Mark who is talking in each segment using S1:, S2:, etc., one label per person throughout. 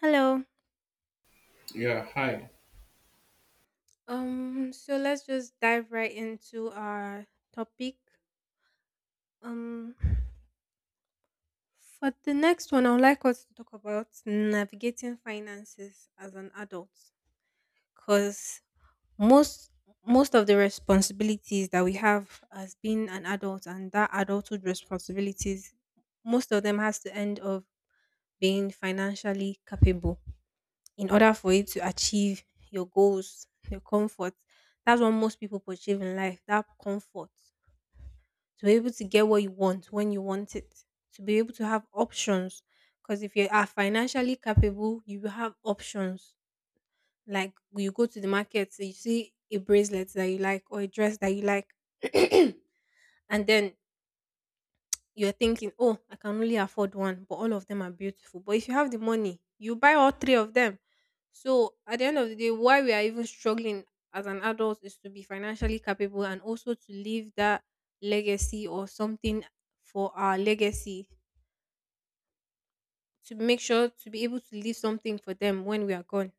S1: Hello.
S2: Yeah, hi.
S1: So let's just dive right into our topic. Um for the next one I would like us to talk about navigating finances as an adult cuz most most of the responsibilities that we have as being an adult and that adulthood responsibilities most of them has to end of being financially capable in order for you to achieve your goals, your comfort. That's what most people achieve in life, that comfort. To be able to get what you want when you want it, to be able to have options. Because if you are financially capable, you will have options. Like you go to the market, so you see a bracelet that you like or a dress that you like. And then you're thinking, oh, I can only afford one, but all of them are beautiful. But if you have the money, you buy all three of them. So at the end of the day, why we are even struggling as an adult is to be financially capable and also to leave that legacy or something, for our legacy, to make sure to be able to leave something for them when we are gone.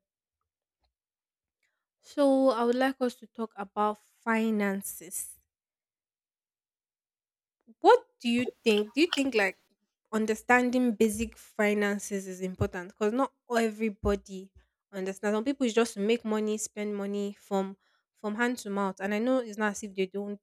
S1: So I would like us to talk about finances. What do you think? Do you think like understanding basic finances is important? Because not everybody understands. Some people is just to make money, spend money from hand to mouth. And I know it's not as if they don't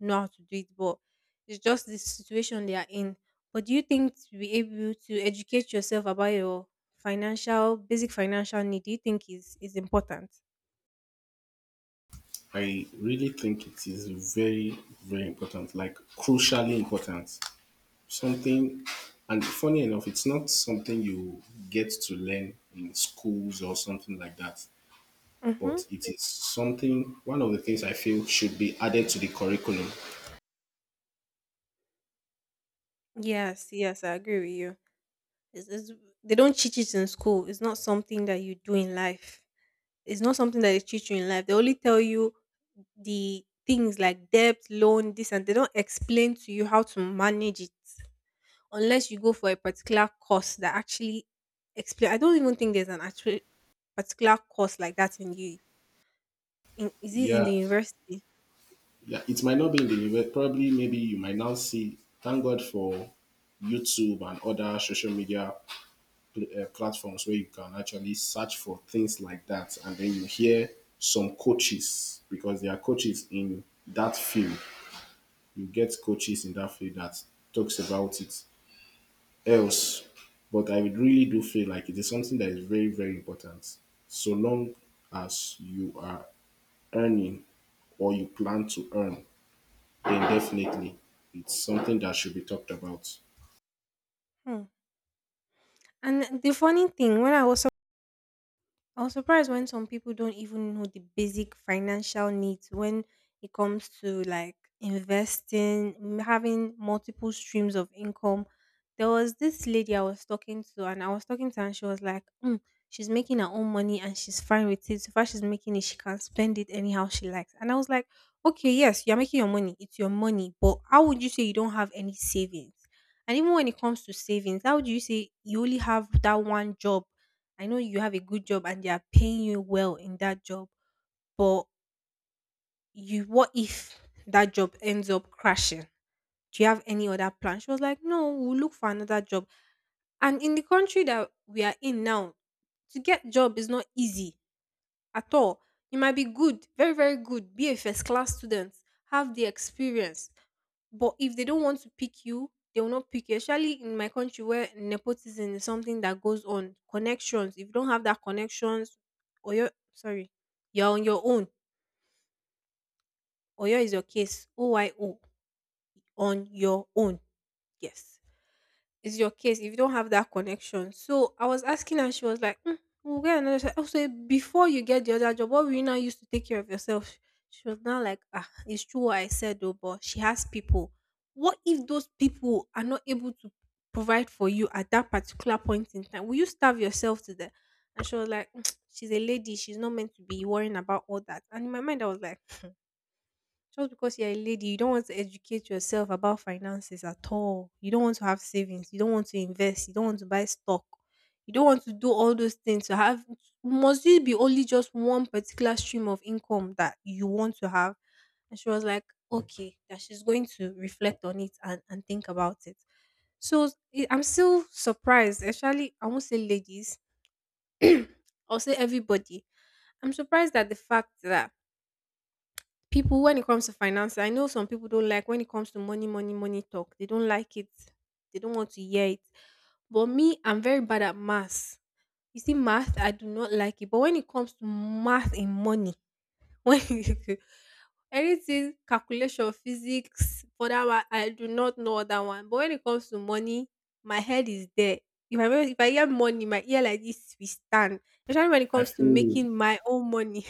S1: know how to do it, but it's just the situation they are in. But do you think to be able to educate yourself about your financial basic financial need, do you think is important?
S2: I really think it is very, very important, like crucially important. Something, and funny enough, it's not something you get to learn in schools or something like that, but
S1: Mm-hmm.
S2: it is something, one of the things I feel should be added to the curriculum.
S1: Yes, yes, I agree with you. It's, they don't teach it in school. It's not something that you do in life. It's not something that they teach you in life. They only tell you the things like debt, loan, this, and they don't explain to you how to manage it unless you go for a particular course that actually explain. I don't even think there's an actual particular course like that in you. In, is it in
S2: Yeah,
S1: the university?
S2: yeah, it might not be in the probably maybe you might now see, thank God for YouTube and other social media platforms where you can actually search for things like that, and then you hear some coaches because there are coaches in that field. You get coaches in that field that talks about it. Else, but I really do feel like it is something that is very, very important. So long as you are earning or you plan to earn, then definitely it's something that should be talked about.
S1: Hmm. And the funny thing, when I was surprised when some people don't even know the basic financial needs when it comes to like investing, having multiple streams of income. There was this lady I was talking to, and I was talking to her, and she was like, mm, she's making her own money and she's fine with it. So far, she's making it, she can spend it anyhow she likes. And I was like, okay, yes, you're making your money, it's your money, but how would you say you don't have any savings? And even when it comes to savings, how do you say you only have that one job? I know you have a good job and they are paying you well in that job, but you what if that job ends up crashing? Do you have any other plan? She was like, no, we'll look for another job. And in the country that we are in now, to get job is not easy at all. You might be good, very, very good, be a first class student, have the experience. But if they don't want to pick you, they will not pick you. Especially in my country where nepotism is something that goes on. Connections. If you don't have that connections, or you sorry, you're on your own. Oyo is your case. OYO, on your own. Yes. Is your case if you don't have that connection. So I was asking her, she was like, mm, we'll get another job. Also, before you get the other job, what will you now use to take care of yourself? She was now like, ah, it's true what I said though, but she has people. What if those people are not able to provide for you at that particular point in time? Will you starve yourself to death? And she was like, mm, she's a lady, she's not meant to be worrying about all that. And in my mind, I was like, just because you're a lady, you don't want to educate yourself about finances at all. You don't want to have savings. You don't want to invest. You don't want to buy stock. You don't want to do all those things to have. Must it be only just one particular stream of income that you want to have? And she was like, okay, that she's going to reflect on it and think about it. So I'm still surprised, actually, I won't say ladies, I'll say everybody. I'm surprised at the fact that people, when it comes to finances, I know some people don't like when it comes to money talk. They don't like it. They don't want to hear it. But me, I'm very bad at math. You see, math, I do not like it. But when it comes to math and money, when you- anything calculation, physics, for that one, I do not know that one. But when it comes to money, my head is there. If I hear money, my ear like this, we stand. Especially when it
S2: I
S1: comes to
S2: feel
S1: making my own money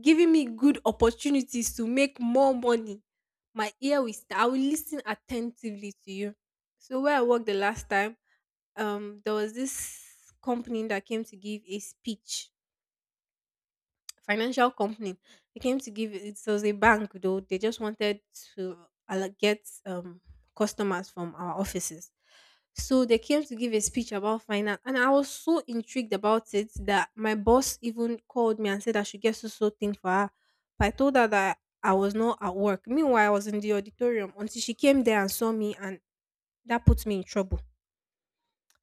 S1: giving me good opportunities to make more money. My ear will st- I will listen attentively to you. So where I worked the last time, there was this company that came to give a speech, financial company. They came to give, it was a bank though. They just wanted to get customers from our offices. So they came to give a speech about finance, and I was so intrigued about it that my boss even called me and said I should get so so thing for her. But I told her that I was not at work. Meanwhile, I was in the auditorium until she came there and saw me, and that put me in trouble.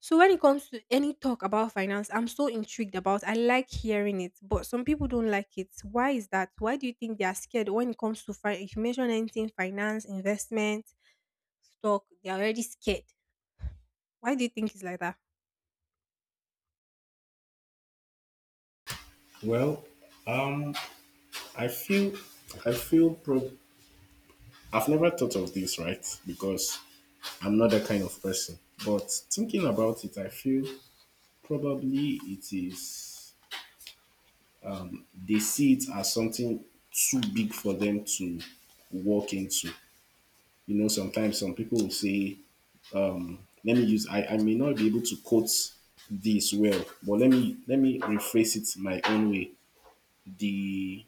S1: So when it comes to any talk about finance, I'm so intrigued about. I like hearing it, but some people don't like it. Why is that? Why do you think they are scared when it comes to finance? If you mention anything, finance, investment, stock, they are already scared. Why do you think it's like that?
S2: well. Um, I feel I feel pro- I've never thought of this, right? Because I'm not that kind of person. But thinking about it, I feel probably it is they see it as something too big for them to walk into. You know, sometimes some people will say, let me use I may not be able to quote this well, but let me rephrase it my own way. The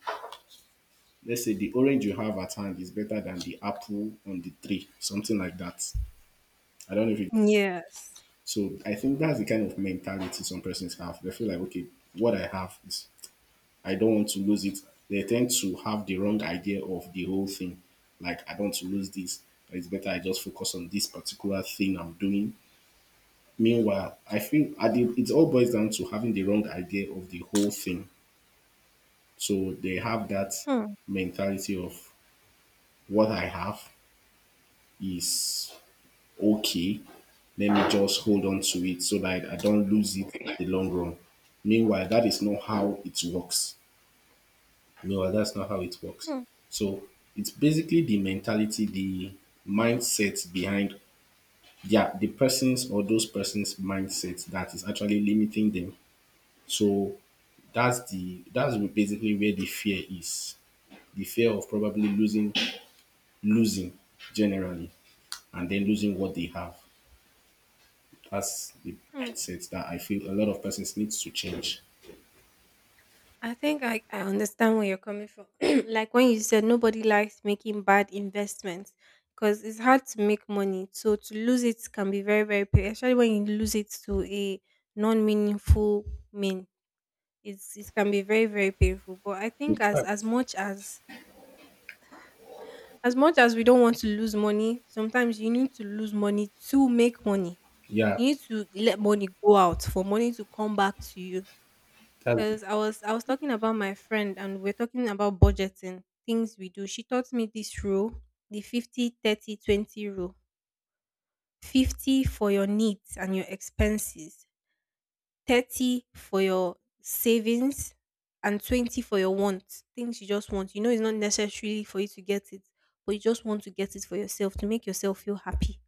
S2: Let's say the orange you have at hand is better than the apple on the tree. Something like that. I don't know if.
S1: Yes.
S2: So I think that's the kind of mentality some persons have. They feel like, okay, what I have is I don't want to lose it. They tend to have the wrong idea of the whole thing. Like, I don't want to lose this. It's better I just focus on this particular thing I'm doing. Meanwhile, I feel I did, it all boils down to having the wrong idea of the whole thing. So they have that
S1: Hmm.
S2: mentality of what I have is okay, let me just hold on to it so that I don't lose it in the long run. Meanwhile, that is not how it works. Meanwhile, that's not how it works.
S1: Hmm.
S2: So it's basically the mentality, the mindset behind yeah, the person's or those person's mindset that is actually limiting them. So that's basically where the fear is. The fear of probably losing generally and then losing what they have. That's the
S1: Hmm.
S2: mindset that I feel a lot of persons needs to change.
S1: I think I understand where you're coming from. Like when you said nobody likes making bad investments because it's hard to make money. So to lose it can be very, very painful, especially when you lose it to a non meaningful mean. It's, it can be very, very painful. But I
S2: In
S1: think
S2: fact,
S1: as much as we don't want to lose money, sometimes you need to lose money to make money.
S2: yeah,
S1: You need to let money go out for money to come back to you
S2: that's
S1: because I was talking about my friend and we're talking about budgeting things we do. She taught me this rule, the 50 30 20 rule. 50 for your needs and your expenses, 30 for your savings and 20 for your wants, things you just want. You know it's not necessarily for you to get it, but you just want to get it for yourself to make yourself feel happy,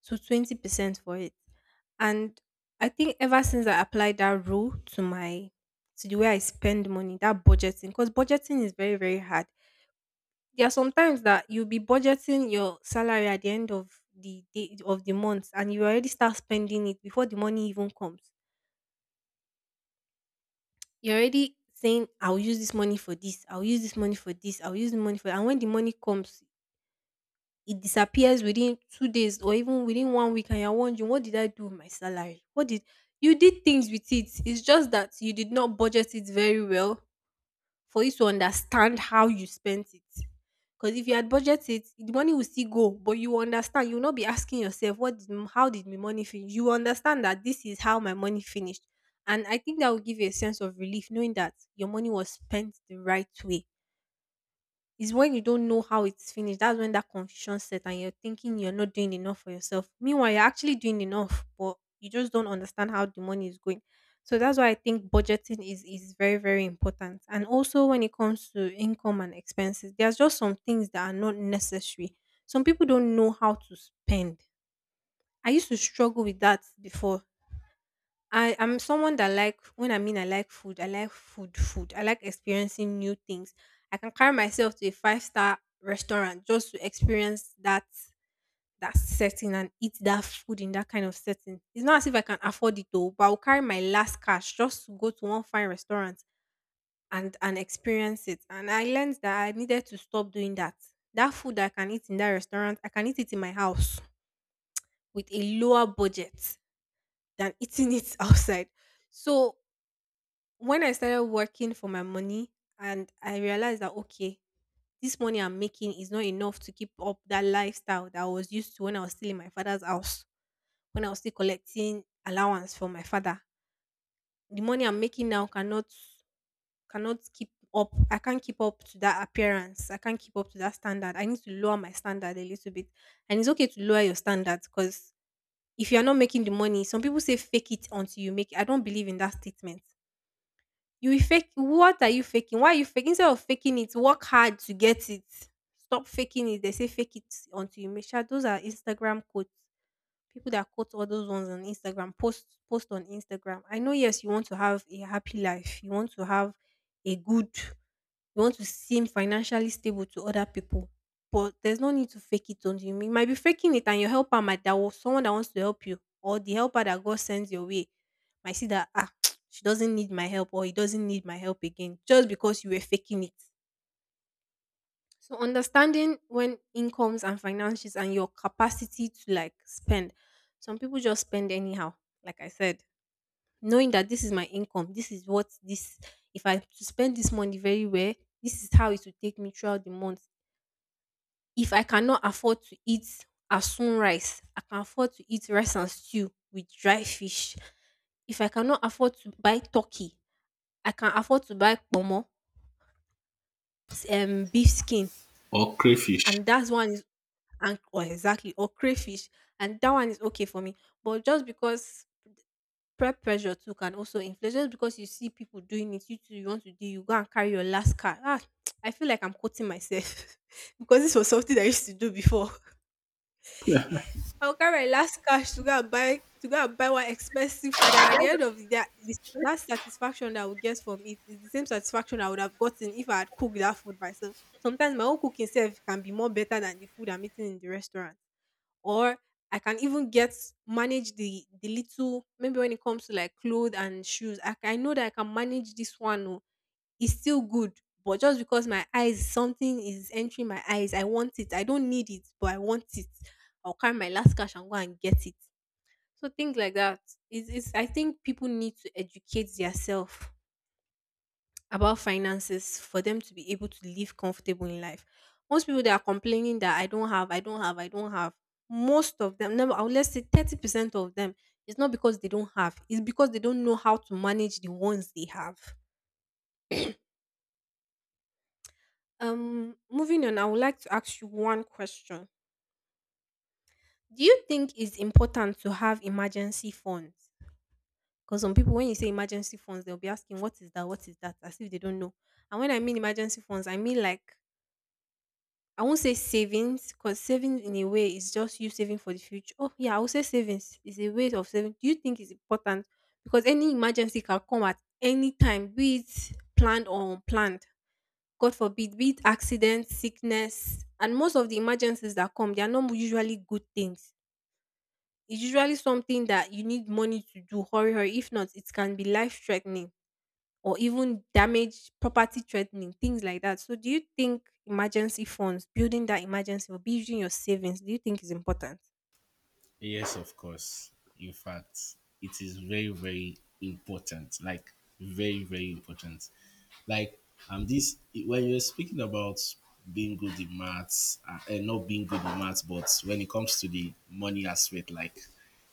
S1: so 20% for it. And I think ever since I applied that rule to my to the way I spend money, that budgeting, because budgeting is very, very hard. There are sometimes that you'll be budgeting your salary at the end of the day of the month and you already start spending it before the money even comes. You're already saying, I'll use this money for this, I'll use this money for this, I'll use the money for that. And when the money comes, it disappears within two days or even within one week and you're wondering, what did I do with my salary? What did, you did things with it, it's just that you did not budget it very well for you to understand how you spent it. Because if you had budgeted it, the money will still go but you will understand, you will not be asking yourself what did, how did my money finish. You will understand that this is how my money finished, and I think that will give you a sense of relief knowing that your money was spent the right way. It's when you don't know how it's finished. That's when that confusion set and you're thinking you're not doing enough for yourself. Meanwhile, you're actually doing enough, but you just don't understand how the money is going. So that's why I think budgeting is very, very important. And also when it comes to income and expenses, there's just some things that are not necessary. Some people don't know how to spend. I used to struggle with that before. I am someone that, like, when I mean I like food, I like food. I like experiencing new things. I can carry myself to a five-star restaurant just to experience that setting and eat that food in that kind of setting. It's not as if I can afford it, though, but I'll carry my last cash just to go to one fine restaurant and experience it. And I learned that I needed to stop doing that. That food that I can eat in that restaurant, I can eat it in my house with a lower budget than eating it outside. So when I started working for my money and I realized that, okay, this money I'm making is not enough to keep up that lifestyle that I was used to when I was still in my father's house, when I was still collecting allowance from my father. The money I'm making now cannot keep up. I can't keep up to that appearance. I can't keep up to that standard. I need to lower my standard a little bit. And it's okay to lower your standards, because if you're not making the money, some people say fake it until you make it. I don't believe in that statement. You will fake — what are you faking? Why are you faking? Instead of faking it, work hard to get it. Stop faking it. They say fake it until you make — sure, those are Instagram quotes. People that quote all those ones on Instagram, post on Instagram. I know, yes, you want to have a happy life. You want to have a good — you want to seem financially stable to other people, but there's no need to fake it until you. You might be faking it, and your helper might — that was someone that wants to help you, or the helper that God sends your way might see that, ah, she doesn't need my help, or he doesn't need my help again, just because you were faking it. So understanding when incomes and finances and your capacity to, like, spend. Some people just spend anyhow, like I said, knowing that this is my income, this is what this — if I to spend this money very well, this is how it will take me throughout the month. If I cannot afford to eat asun rice, I can afford to eat rice and stew with dry fish. If I cannot afford to buy turkey, I can afford to buy pomo, beef skin,
S2: or crayfish.
S1: and that one is — and or exactly or crayfish, and that one is okay for me. But just because — peer pressure too can also influence, just because you see people doing it, you too you want to do, you go and carry your last card. Ah, I feel like I'm quoting myself because this was something I used to do before. I'll carry my last cash to go and buy — to go and buy one expensive food, and at the end of the day, this, that satisfaction that I would get from it is the same satisfaction I would have gotten if I had cooked that food myself. Sometimes my own cooking self can be more better than the food I'm eating in the restaurant, or I can even get, manage the little — maybe when it comes to, like, clothes and shoes. I know that I can manage this one. Oh, it's still good, but just because my eyes, something is entering my eyes, I want it. I don't need it, but I want it. I'll carry my last cash and go and get it. So things like that is. I think people need to educate themselves about finances for them to be able to live comfortable in life. Most people that are complaining that I don't have, I don't have, I don't have, most of them, never, I would let's say 30% of them, it's not because they don't have, it's because they don't know how to manage the ones they have. Moving on, I would like to ask you one question. Do you think it's important to have emergency funds? Because some people, when you say emergency funds, they'll be asking, what is that? What is that? As if they don't know. And when I mean emergency funds, I mean, like, I won't say savings, because saving in a way is just you saving for the future. Oh yeah, I would say savings is a way of saving. Do you think it's important? Because any emergency can come at any time, be it planned or unplanned. God forbid, be it accident, sickness, and most of the emergencies that come, they are not usually good things. It's usually something that you need money to do, hurry, hurry. If not, it can be life threatening, or even damage property threatening, things like that. So do you think emergency funds, building that emergency, or building your savings, do you think is important?
S2: Yes, of course. In fact, it is very, very important. Like very, very important. Like this when you're speaking about being good in maths and not being good in maths, but when it comes to the money aspect, like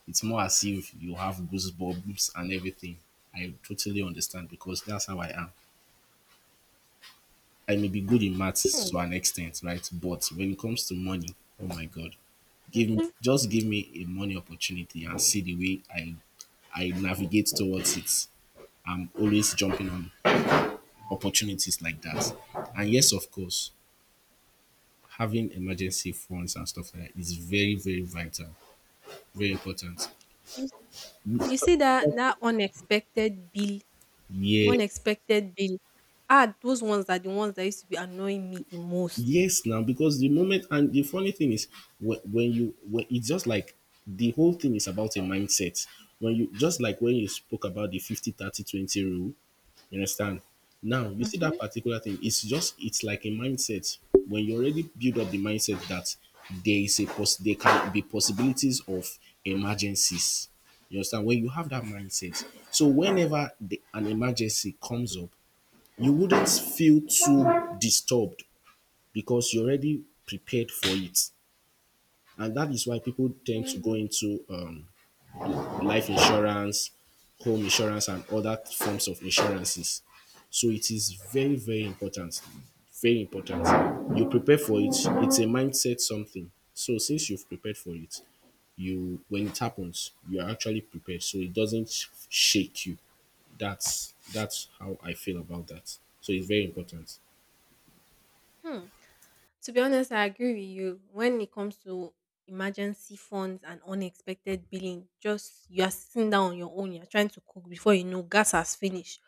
S2: it's more as if you have goosebumps and everything. I totally understand because that's how I am. I may be good in maths
S1: Hmm.
S2: to an extent, right? But when it comes to money, oh my god, give me a money opportunity and see the way I navigate towards it. I'm always jumping on opportunities like that. And yes, of course, having emergency funds and stuff like that is very, very vital, very important.
S1: You — you see that that unexpected bill.
S2: Yeah,
S1: Unexpected bill. Ah, those ones are the ones that used to be annoying me the most.
S2: yes, now because the moment and the funny thing is when it's just like the whole thing is about a mindset. When you just like when you spoke about the 50/30/20 rule, you understand? Now you see that particular thing, it's just it's like a mindset. When you already build up the mindset that there can be possibilities of emergencies. You understand? When you have that mindset, so whenever an emergency comes up, you wouldn't feel too disturbed because you're already prepared for it. And that is why people tend to go
S1: Mhm.
S2: into life insurance, home insurance, and other forms of insurances. So it is very, very important. Very important. You prepare for it. It's a mindset something. So since you've prepared for it, you when it happens, you are actually prepared. So it doesn't shake you. That's how I feel about that. So it's very important.
S1: Hmm. To be honest, I agree with you. When it comes to emergency funds and unexpected billing, just you are sitting down on your own, you're trying to cook before you know gas has finished,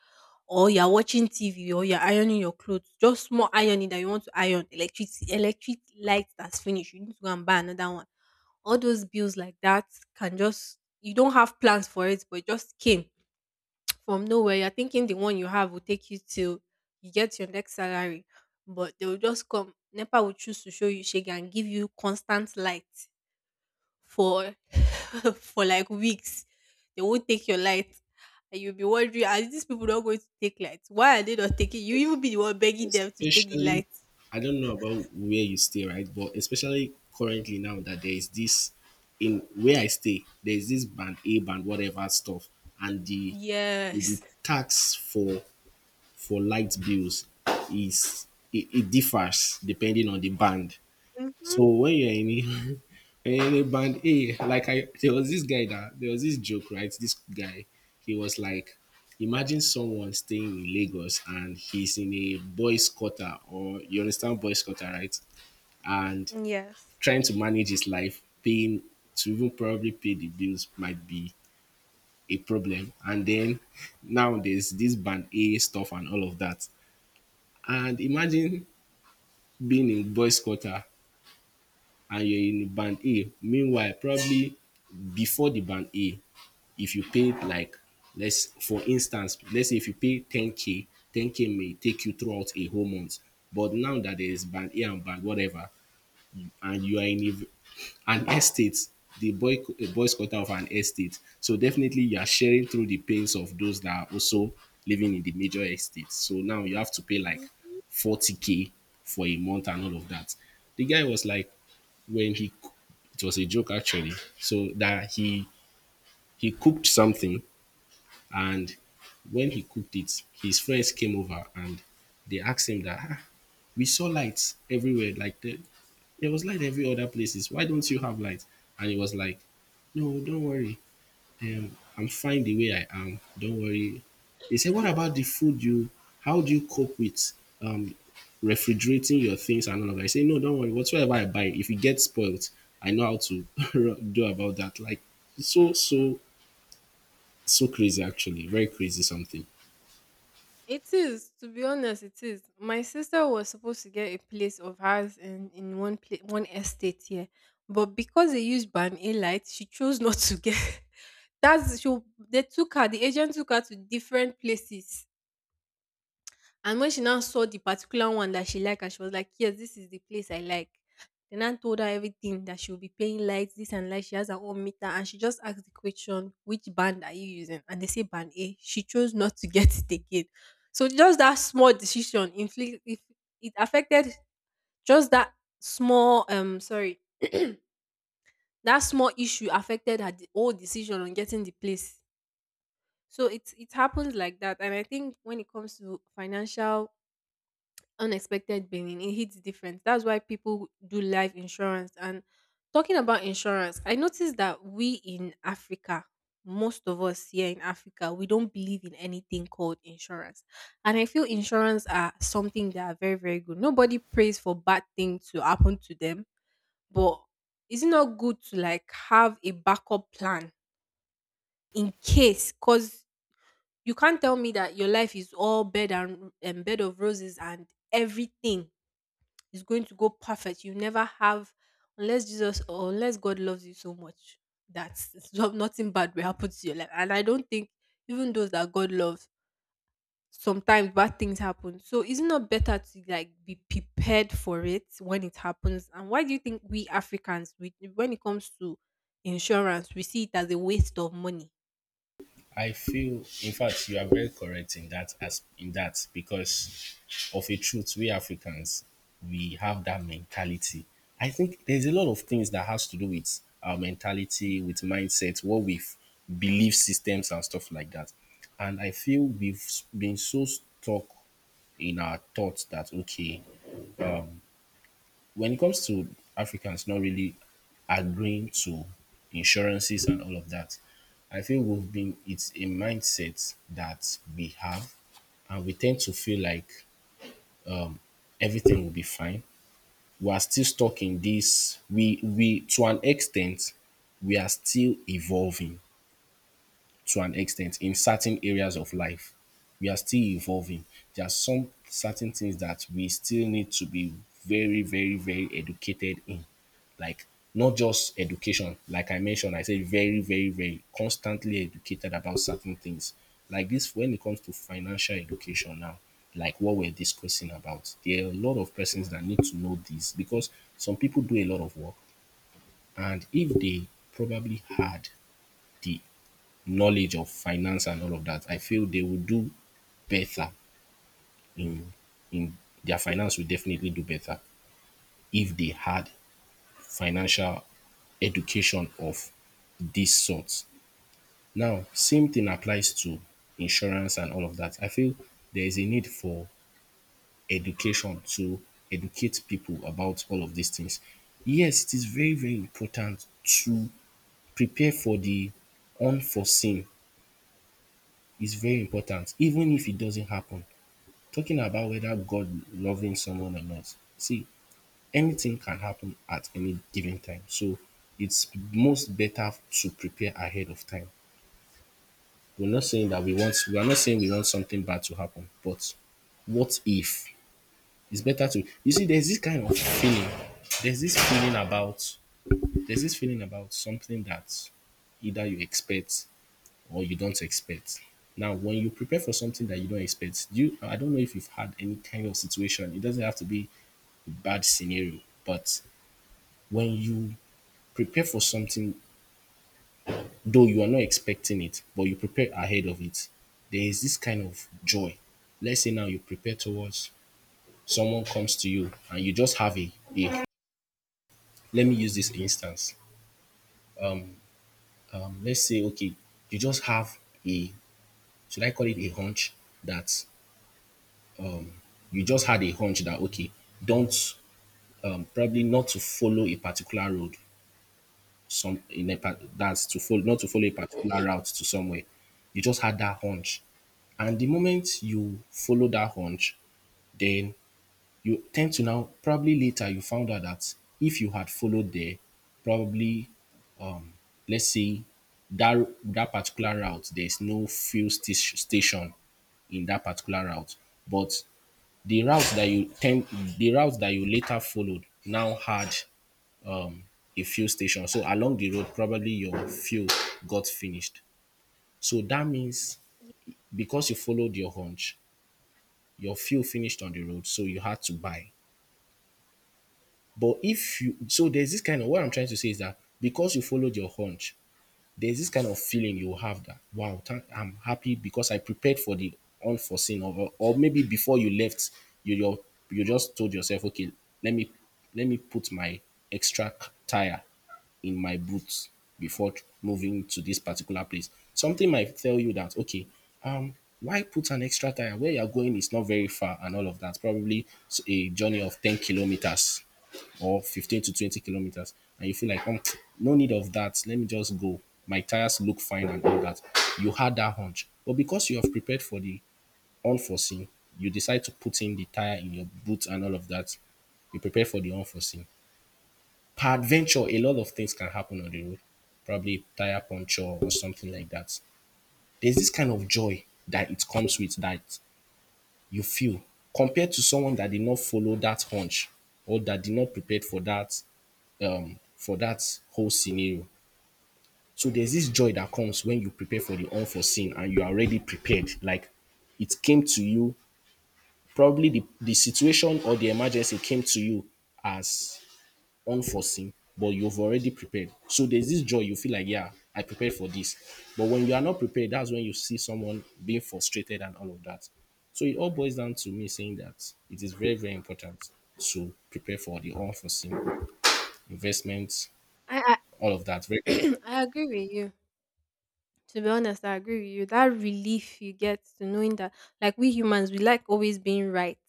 S1: or you're watching TV, or you're ironing your clothes. Just small ironing that you want to iron, electricity, electric light that's finished. You need to go and buy another one. All those bills like that can just — you don't have plans for it, but it just came from nowhere. You're thinking the one you have will take you till you get your next salary, but they will just come. NEPA will choose to show you shege and give you constant light for for like weeks. They won't take your light. And you'll be wondering, are these people not going to take light? Why are they not taking you? Even be the one begging them to take the
S2: Especially
S1: light.
S2: I don't know about where you stay, right? But especially currently now that there is this in where I stay, there is this band A band whatever stuff, and the
S1: Yes.
S2: tax for light bills is it differs depending on the band.
S1: Hmm.
S2: So when you're in a, when you're in a band A, like I there was this guy that there was this joke, right? This guy, he was like, imagine someone staying in Lagos and he's in a boys quarter or you understand boys quarter, right? And
S1: Yes.
S2: trying to manage his life, paying to even probably pay the bills might be a problem. And then now there's this band A stuff and all of that. And imagine being in boys quarter and you're in band A. Meanwhile, probably before the band A, if you paid like let's for instance, let's say if you pay ten K may take you throughout a whole month. But now that there is band A and band whatever, and you are in an estate, the boy a boy quarter of an estate. So definitely you are sharing through the pains of those that are also living in the major estates. So now you have to pay like
S1: Mhm.
S2: 40K for a month and all of that. The guy was like, when he it was a joke actually. So that he cooked something and when he cooked it, his friends came over and they asked him that, "Ah, we saw lights everywhere. Like there was light every other places. Why don't you have light?" And he was like, "No, don't worry. I'm fine the way I am. Don't worry." They said, "What about the food you how do you cope with um refrigerating your things and all of that." I say, "No, don't worry. Whatsoever I buy, if it gets spoiled, I know how to do about that." Like so, so, so crazy. Actually, very crazy. Something.
S1: It is, to be honest, it is. My sister was supposed to get a place of hers in one pla- one estate here, but because they used ban A light, she chose not to get. That's she. They took her. The agent took her to different places. And when she now saw the particular one that she liked and she was like, yes, this is the place I like. The nan told her everything that she will be paying lights, this and light. She has her own meter and she just asked the question, which band are you using? And they say band A. She chose not to get it again. So just that small decision inflict — if it affected just that small sorry that small issue affected her de- whole decision on getting the place. So it happens like that. And I think when it comes to financial unexpected billing, it hits different. That's why people do life insurance. And talking about insurance, I noticed that we in Africa, most of us here in Africa, we don't believe in anything called insurance. And I feel insurance are something that are very, very good. Nobody prays for bad things to happen to them, but is it not good to, like, have a backup plan in case, because you can't tell me that your life is all bed and bed of roses and everything, it's going to go perfect. You never have, unless Jesus or unless God loves you so much that it's not- nothing bad will happen to your life. And I don't think even those that God loves, sometimes bad things happen. So isn't better to, like, be prepared for it when it happens? And why do you think we Africans, we, when it comes to insurance, we see it as a waste of money?
S2: I feel, in fact, you are very correct in that, as in that, because of a truth, we Africans we have that mentality. I think there's a lot of things that has to do with our mentality, with mindset, belief systems and stuff like that. And I feel we've been so stuck in our thoughts that okay, um, when it comes to Africans not really agreeing to insurances and all of that, I feel we've been it's a mindset that we have, and we tend to feel like everything will be fine. We are still stuck in this. We to an extent, we are still evolving, to an extent in certain areas of life. We are still evolving. There are some certain things that we still need to be very, very, very educated in. Like not just education, like I mentioned, I said very, very, very constantly educated about certain things. Like this, when it comes to financial education now, like what we're discussing about, there are a lot of persons that need to know this because some people do a lot of work, and if they probably had the knowledge of finance and all of that, I feel they will do better in in their finance will definitely do better if they had financial education of this sort. Now, same thing applies to insurance and all of that. I feel there is a need for education to educate people about all of these things. Yes, it is very, very important to prepare for the unforeseen. It's very important, even if it doesn't happen. Talking about whether God loving someone or not. See, anything can happen at any given time. So it's most better to prepare ahead of time. We're not saying that we want, we are not saying we want something bad to happen, but what if? It's better to you see there's this kind of feeling. There's this feeling about there's this feeling about something that either you expect or you don't expect. Now, when you prepare for something that you don't expect, do you, I don't know if you've had any kind of situation. It doesn't have to be bad scenario. But when you prepare for something, though you are not expecting it, but you prepare ahead of it, there is this kind of joy. Let's say now you prepare towards someone comes to you and you just have a let me use this instance. Um, let's say okay, you just have a should I call it a hunch that you just had a hunch that okay, don't probably not to follow a particular road some in a part that's to follow not to follow a particular route to somewhere. You just had that hunch. And the moment you follow that hunch, then you tend to now probably later you found out that if you had followed there, probably let's say that particular route there's no station in that particular route, but the route that you tend the route that you later followed now had a fuel station. So along the road, probably your fuel got finished. So that means because you followed your hunch, your fuel finished on the road, so you had to buy. But if you so there's this kind of, what I'm trying to say is that because you followed your hunch, there's this kind of feeling you have that wow thank, I'm happy because I prepared for the unforeseen. Or maybe before you left, you you you just told yourself okay, let me put my tire in my boots before moving to this particular place. Something might tell you that okay, um why put an extra tire where you're going is not very far, and all of that, probably a journey of 10 kilometers or 15 to 20 kilometers, and you feel like oh, no need of that, let me just go, my tires look fine and all that. You had that hunch, but because you have prepared for the unforeseen, you decide to put in the tire in your boots and all of that. You prepare for the unforeseen. Peradventure a lot of things can happen on the road, probably tire puncture or something like that. There's this kind of joy that it comes with, that you feel compared to someone that did not follow that hunch, or that did not prepare for that, for that whole scenario. So there's this joy that comes when you prepare for the unforeseen and you are already prepared. Like it came to you, probably the situation or the emergency came to you as unforeseen, but you've already prepared. So there's this joy you feel like, yeah, I prepared for this. But when you are not prepared, that's when you see someone being frustrated and all of that. So it all boils down to me saying that it is very, very important to prepare for the unforeseen investments,
S1: I —
S2: all of that. Very.
S1: I agree with you. To be honest, I agree with you. That relief you get to knowing that, like we humans, we like always being right.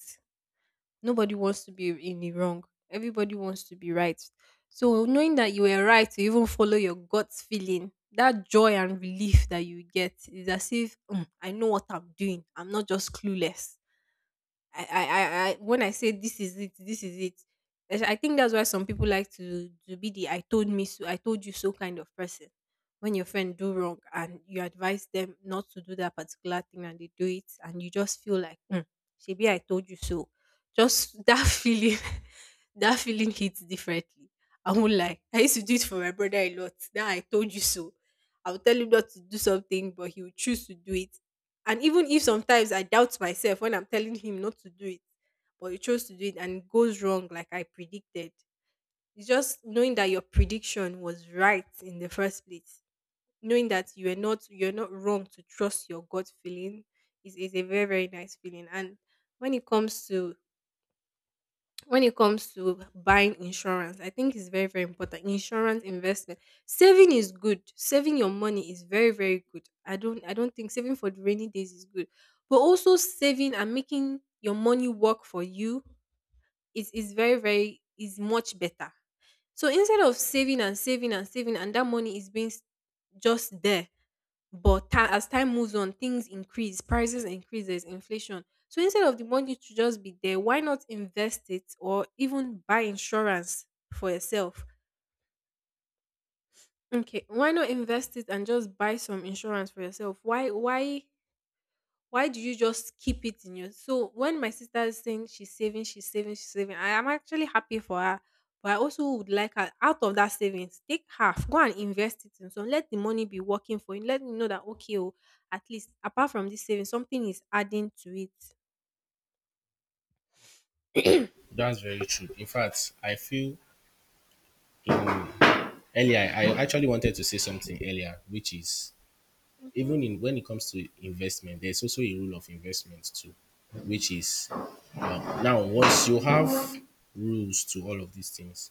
S1: Nobody wants to be in the wrong. Everybody wants to be right. So knowing that you were right to even follow your gut feeling, that joy and relief that you get is as if, "Mm, I know what I'm doing. I'm not just clueless. I when I say this is it, this is it. As- I think that's why some people like to be the 'I told me so,' 'I told you so' kind of person." When your friend do wrong and you advise them not to do that particular thing and they do it, and you just feel like, mm, "Shebi, I told you so." Just that feeling, that feeling hits differently. I won't lie. I used to do it for my brother a lot. That I told you so. I would tell him not to do something, but he would choose to do it, and even if sometimes I doubt myself when I'm telling him not to do it, but he chose to do it and it goes wrong like I predicted. It's just knowing that your prediction was right in the first place. Knowing that you are not — you're not wrong to trust your gut feeling is a very, very nice feeling. And when it comes to — when it comes to buying insurance, I think it's very, very important. Insurance, investment. Saving is good. Saving your money is very, very good. I don't — I don't think saving for the rainy days is good. But also saving and making your money work for you is very, very — is much better. So instead of saving and saving and saving and that money is being s- just there, but ti — as time moves on, things increase, prices increase, there's inflation. So instead of the money to just be there, why not invest it or even buy insurance for yourself? Okay, why not invest it and just buy some insurance for yourself? Why do you just keep it in your — so when my sister is saying she's saving, she's saving, she's saving, I am actually happy for her. But I also would like her, out of that savings, take half, go and invest it in some. Let the money be working for you. Let me know that, okay, oh, at least apart from this saving, something is adding to it.
S2: That's very true. In fact, I feel, um, earlier, I actually wanted to say something earlier, which is
S1: Mhm,
S2: even in, when it comes to investment, there's also a rule of investment too, which is, now once you have rules to all of these things,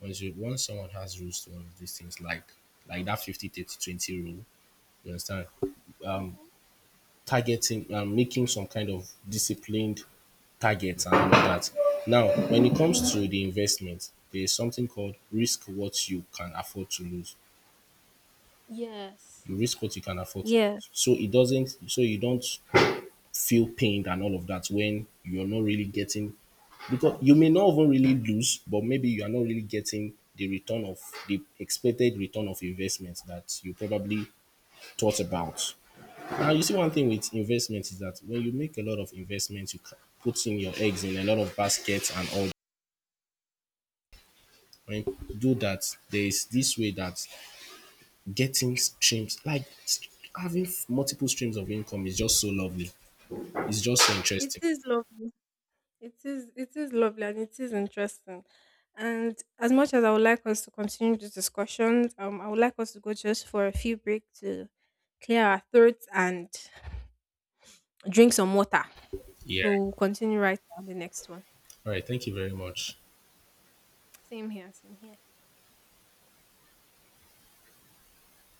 S2: once someone has rules to all of these things, like that 50/30/20 rule, you understand?
S1: mhm.
S2: Targeting and making some kind of disciplined targets and all that. Now, when it comes to the investment, there is something called risk what you can afford to lose.
S1: Yes.
S2: You risk what you can afford to
S1: Yes.
S2: lose. So it doesn't, so you don't feel pained and all of that when you're not really getting, because you may not even really lose, but maybe you are not really getting the return of, the expected return of investment that you probably thought about. And you see, one thing with investment is that when you make a lot of investments, you put in your eggs in a lot of baskets and all. When you do that, there is this way that getting streams, like having multiple streams of income, is just so lovely. It's just so
S1: It
S2: interesting.
S1: is lovely. It is lovely and it is interesting. And as much as I would like us to continue this discussion, I would like us to go just for a few break to clear our throats and drink some water.
S2: Yeah.
S1: So we'll continue right on the next one.
S2: All right. Thank you very much.
S1: Same here, same here.